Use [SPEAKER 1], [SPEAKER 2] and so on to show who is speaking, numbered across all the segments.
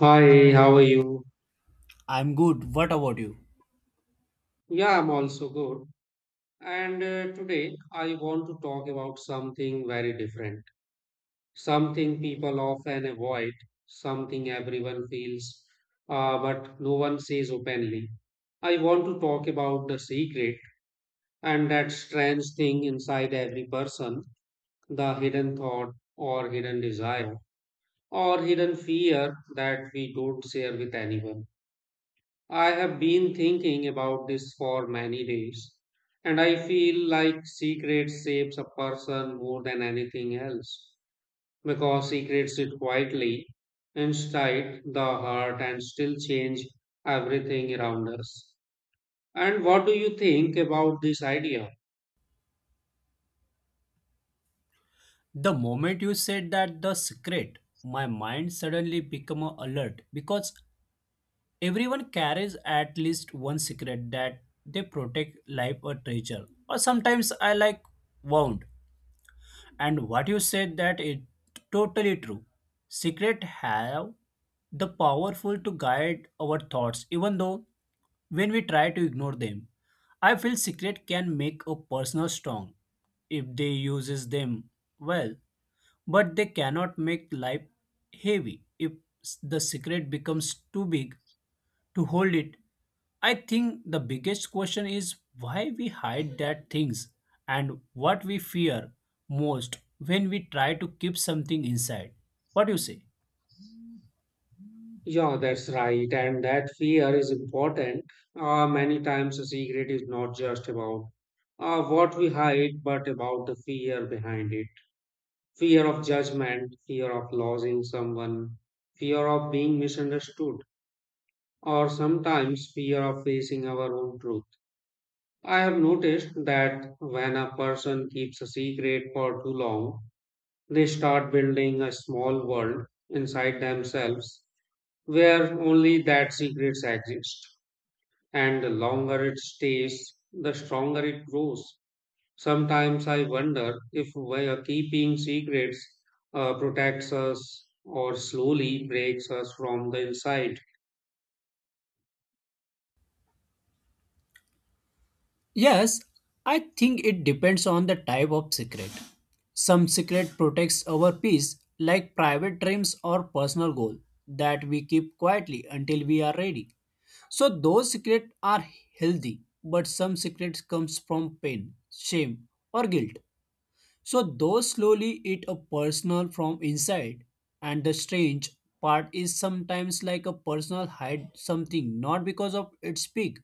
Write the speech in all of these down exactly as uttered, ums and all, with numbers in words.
[SPEAKER 1] Hi, how are you?
[SPEAKER 2] I'm good. What about you?
[SPEAKER 1] Yeah, I'm also good. And uh, Today I want to talk about something very different, something people often avoid, something everyone feels, uh, but no one says openly. I want to talk about the secret and that strange thing inside every person, the hidden thought or hidden desire or hidden fear that we don't share with anyone. I have been thinking about this for many days, and I feel like secret shapes a person more than anything else because secrets sit quietly inside the heart and still change everything around us. And what do you think about this idea?
[SPEAKER 2] The moment you said that the secret, my mind suddenly became alert because everyone carries at least one secret that they protect like a treasure. Or sometimes I like wound. And what you said, that is totally true. Secret have the powerful to guide our thoughts, even though when we try to ignore them, I feel secret can make a person strong if they uses them well. But they cannot make life heavy if s- the secret becomes too big to hold it. I think the biggest question is why we hide that things and what we fear most when we try to keep something inside. What do you say?
[SPEAKER 1] Yeah, that's right, and that fear is important. Uh, many times a secret is not just about uh, what we hide, but about the fear behind it, fear of judgment, fear of losing someone, fear of being misunderstood, or sometimes fear of facing our own truth. I have noticed that when a person keeps a secret for too long, they start building a small world inside themselves where only that secrets exist. And the longer it stays, the stronger it grows. Sometimes I wonder if we keeping secrets uh, protects us or slowly breaks us from the inside.
[SPEAKER 2] Yes, I think it depends on the type of secret. Some secret protects our peace, like private dreams or personal goal that we keep quietly until we are ready. So those secrets are healthy, but some secrets comes from pain, shame, or guilt. So those slowly eat a personal from inside. And the strange part is sometimes like a personal hide something not because of its big,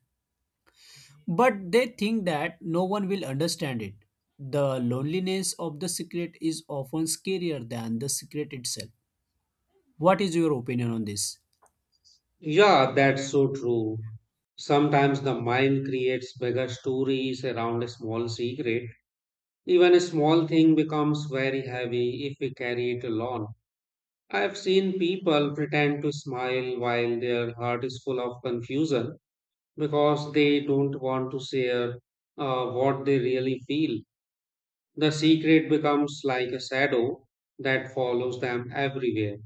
[SPEAKER 2] but they think that no one will understand it. The loneliness of the secret is often scarier than the secret itself. What is your opinion on this?
[SPEAKER 1] Yeah, that's so true. Sometimes the mind creates bigger stories around a small secret. Even a small thing becomes very heavy if we carry it alone. I've seen people pretend to smile while their heart is full of confusion because they don't want to share uh, what they really feel. The secret becomes like a shadow that follows them everywhere.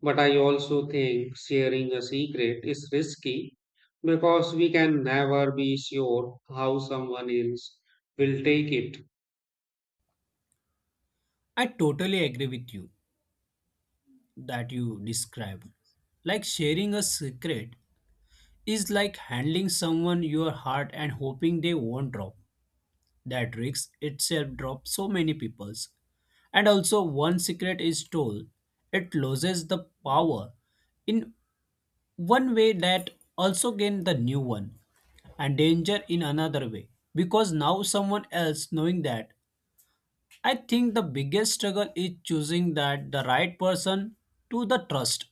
[SPEAKER 1] But I also think sharing a secret is risky because we can never be sure how someone else will take it.
[SPEAKER 2] I totally agree with you, that you describe. Like, sharing a secret is like handling someone your heart and hoping they won't drop. That risk itself drops so many people's. And also, one secret is told, it loses the power in one way, that also gain the new one, and danger in another way. Because now someone else knowing that, I think the biggest struggle is choosing that the right person to the trust.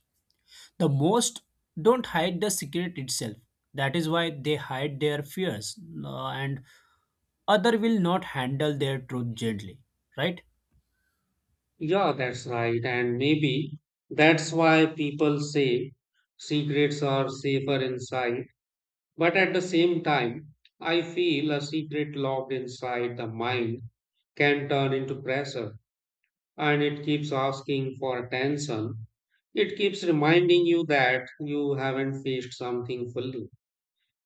[SPEAKER 2] The most don't hide the secret itself. That is why they hide their fears, uh, and other will not handle their truth gently, right?
[SPEAKER 1] Yeah, that's right. And maybe that's why people say secrets are safer inside. But at the same time, I feel a secret locked inside the mind can turn into pressure, and it keeps asking for attention. It keeps reminding you that you haven't faced something fully.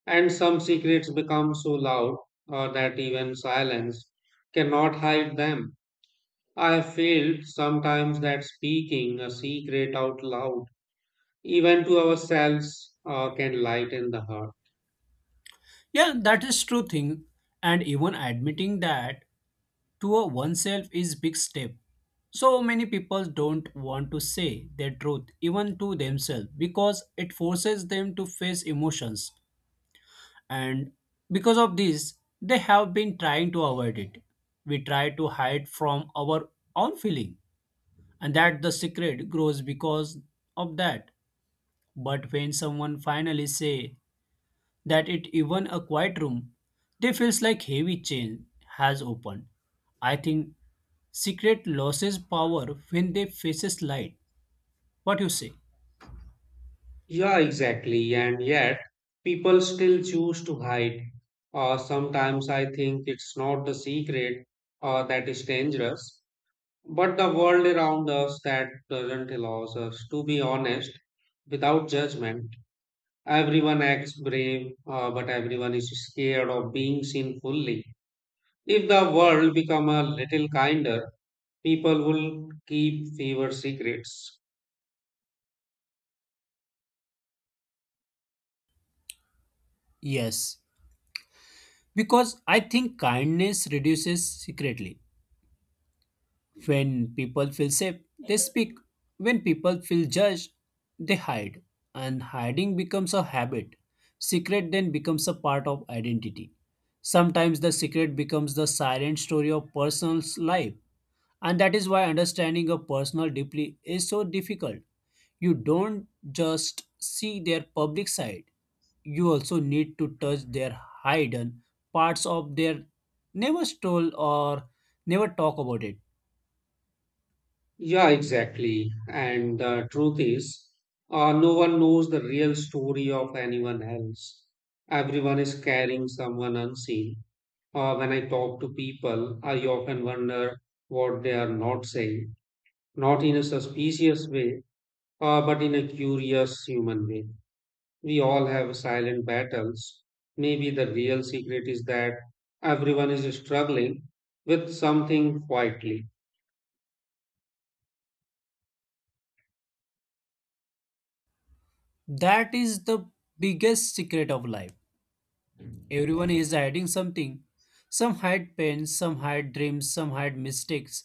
[SPEAKER 1] And some secrets become so loud uh, that even silence cannot hide them. I have felt sometimes that speaking a secret out loud, even to ourselves, uh, can lighten the heart.
[SPEAKER 2] Yeah, that is true thing. And even admitting that to a oneself is big step. So many people don't want to say their truth even to themselves because it forces them to face emotions, and because of this they have been trying to avoid it. We try to hide from our own feeling, and that the secret grows because of that. But when someone finally say that it even a quiet room, they feels like heavy chain has opened. I think secret loses power when they faces light. What you say?
[SPEAKER 1] Yeah, exactly. And yet, people still choose to hide. Uh, sometimes I think it's not the secret uh, that is dangerous, but the world around us that doesn't allow us to be honest without judgment. Everyone acts brave, uh, but everyone is scared of being seen fully. If the world become a little kinder, people will keep fewer secrets.
[SPEAKER 2] Yes, because I think kindness reduces secretly. When people feel safe, they speak. When people feel judged, they hide. And hiding becomes a habit. Secret then becomes a part of identity. Sometimes the secret becomes the silent story of person's life. And that is why understanding a personal deeply is so difficult. You don't just see their public side. You also need to touch their hidden parts of their never stole or never talk about it.
[SPEAKER 1] Yeah, exactly. And the truth is, uh, no one knows the real story of anyone else. Everyone is carrying someone unseen. Uh, when I talk to people, I often wonder what they are not saying, not in a suspicious way, uh, but in a curious human way. We all have silent battles. Maybe the real secret is that everyone is struggling with something quietly.
[SPEAKER 2] That is the biggest secret of life. Everyone is hiding something. Some hide pain, some hide dreams, some hide mistakes,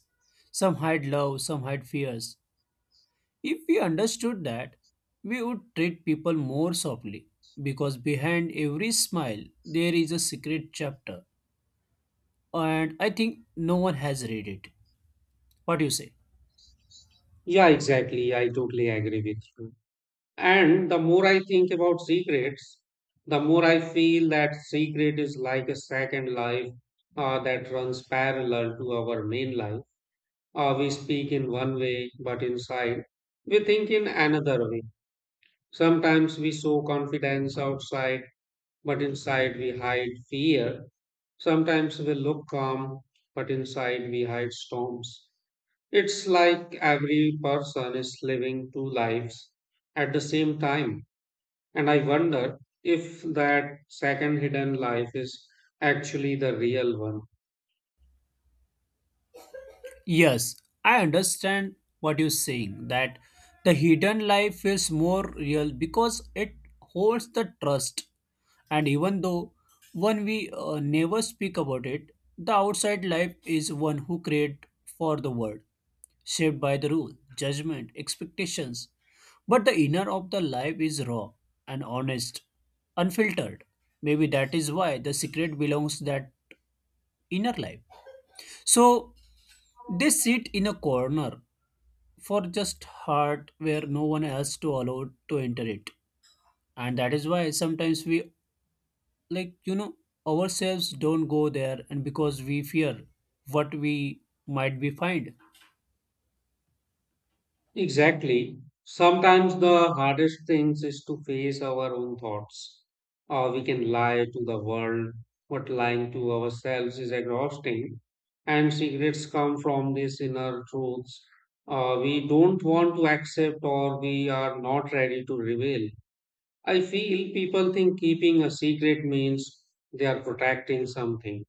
[SPEAKER 2] some hide love, some hide fears. If we understood that, we would treat people more softly, because behind every smile there is a secret chapter, and I think no one has read it. What do you say?
[SPEAKER 1] Yeah, exactly. I totally agree with you. And the more I think about secrets, the more I feel that secret is like a second life uh, that runs parallel to our main life. Uh, we speak in one way, but inside we think in another way. Sometimes we show confidence outside, but inside we hide fear. Sometimes we look calm, but inside we hide storms. It's like every person is living two lives at the same time. And I wonder if that second hidden life is actually the real one.
[SPEAKER 2] Yes, I understand what you're saying, that the hidden life feels more real because it holds the trust. And even though one we uh, never speak about it, the outside life is one who create for the world, shaped by the rule, judgment, expectations. But the inner of the life is raw and honest, unfiltered. Maybe that is why the secret belongs that inner life. So they sit in a corner for just heart where no one else to allowed to enter it, and that is why sometimes we, like you know ourselves don't go there, and because we fear what we might be find.
[SPEAKER 1] Exactly. Sometimes the hardest things is to face our own thoughts. Or we can lie to the world, but lying to ourselves is exhausting. And secrets come from these inner truths uh, we don't want to accept or we are not ready to reveal. I feel people think keeping a secret means they are protecting something.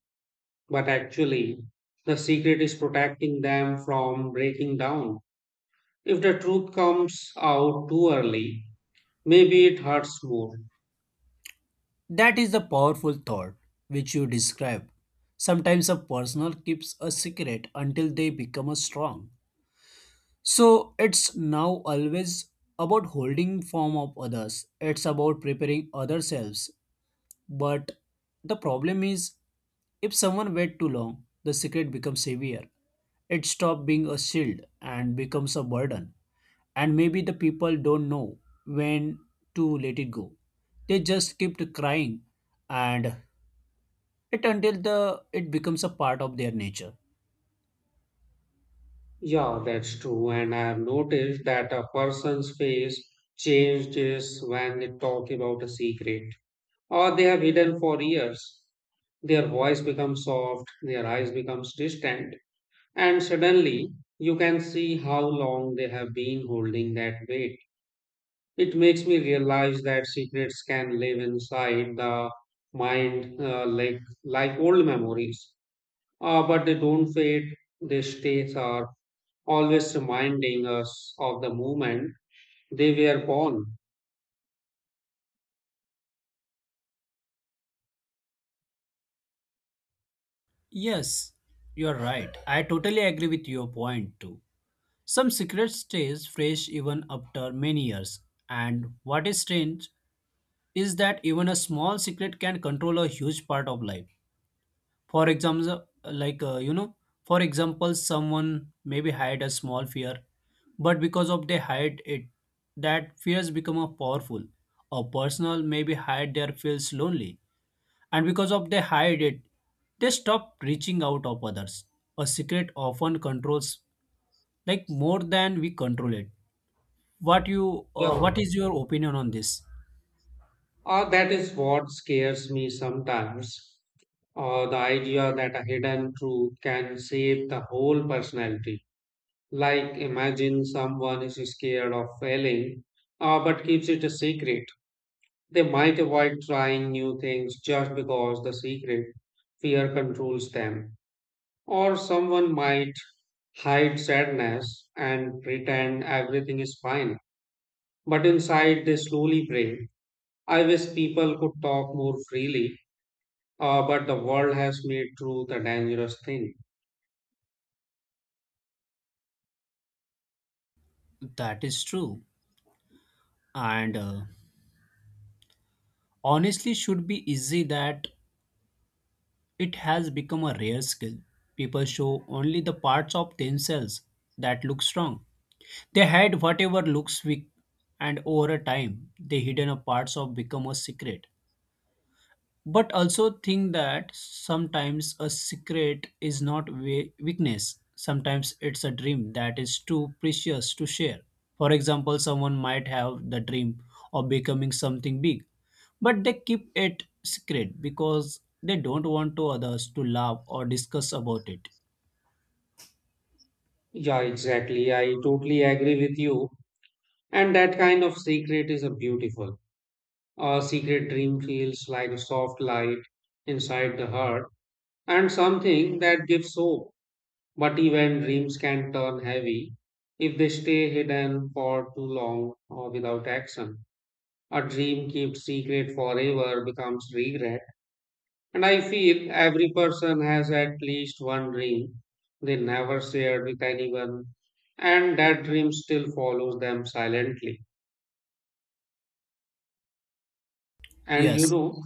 [SPEAKER 1] But actually, the secret is protecting them from breaking down. If the truth comes out too early, maybe it hurts more.
[SPEAKER 2] That is the powerful thought which you describe. Sometimes a personal keeps a secret until they become a strong, so it's now always about holding form of others, it's about preparing ourselves. But the problem is, if someone waits too long, the secret becomes heavier. It stops being a shield and becomes a burden. And maybe the people don't know when to let it go. They just keep crying and it until the it becomes a part of their nature.
[SPEAKER 1] Yeah, that's true. And I have noticed that a person's face changes when they talk about a secret or they have hidden for years. Their voice becomes soft, their eyes becomes distant, and suddenly you can see how long they have been holding that weight. It makes me realize that secrets can live inside the mind uh, like, like old memories, uh, but they don't fade, they stay are always reminding us of the moment they were born.
[SPEAKER 2] Yes, you're right. I totally agree with your point too. Some secret stays fresh even after many years. And what is strange is that even a small secret can control a huge part of life. For example, like uh, you know, for example, someone maybe hide a small fear, but because of they hide it, that fears become a powerful. A personal maybe hide their feels lonely, and because of they hide it, they stop reaching out of others. A secret often controls like more than we control it. What you,
[SPEAKER 1] Yeah.
[SPEAKER 2] uh, what is your opinion on this?
[SPEAKER 1] Uh, that is what scares me sometimes. Uh, the idea that a hidden truth can shape the whole personality. Like imagine someone is scared of failing, uh, but keeps it a secret. They might avoid trying new things just because the secret fear controls them. Or someone might hide sadness and pretend everything is fine, but inside they slowly break. I wish people could talk more freely, uh, but the world has made truth a dangerous thing.
[SPEAKER 2] That is true. And. Uh, honestly should be easy that it has become a rare skill. People show only the parts of themselves that look strong. They hide whatever looks weak, and over a time, the hidden parts of become a secret. But also think that sometimes a secret is not we- weakness. Sometimes it's a dream that is too precious to share. For example, someone might have the dream of becoming something big, but they keep it secret because they don't want to others to laugh or discuss about it.
[SPEAKER 1] Yeah, exactly. I totally agree with you. And that kind of secret is a beautiful. A secret dream feels like a soft light inside the heart and something that gives hope. But even dreams can turn heavy if they stay hidden for too long or without action. A dream kept secret forever becomes regret. And I feel every person has at least one dream they never shared with anyone, and that dream still follows them silently. And you
[SPEAKER 2] Yes,
[SPEAKER 1] know,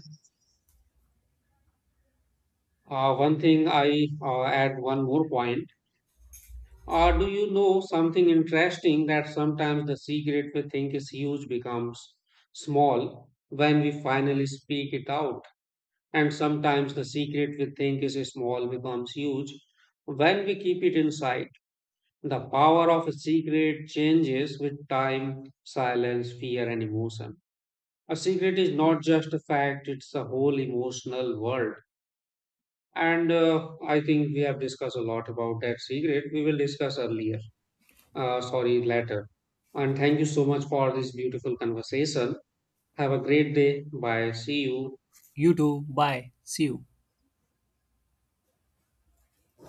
[SPEAKER 1] uh, one thing I uh, add one more point. Or do you know something interesting that sometimes the secret we think is huge becomes small when we finally speak it out? And sometimes the secret we think is small becomes huge when we keep it inside. The power of a secret changes with time, silence, fear, and emotion. A secret is not just a fact, it's a whole emotional world. And uh, I think we have discussed a lot about that secret. We will discuss earlier uh, sorry, later. And thank you so much for this beautiful conversation. Have a great day. Bye. See you.
[SPEAKER 2] you too. Bye. See you.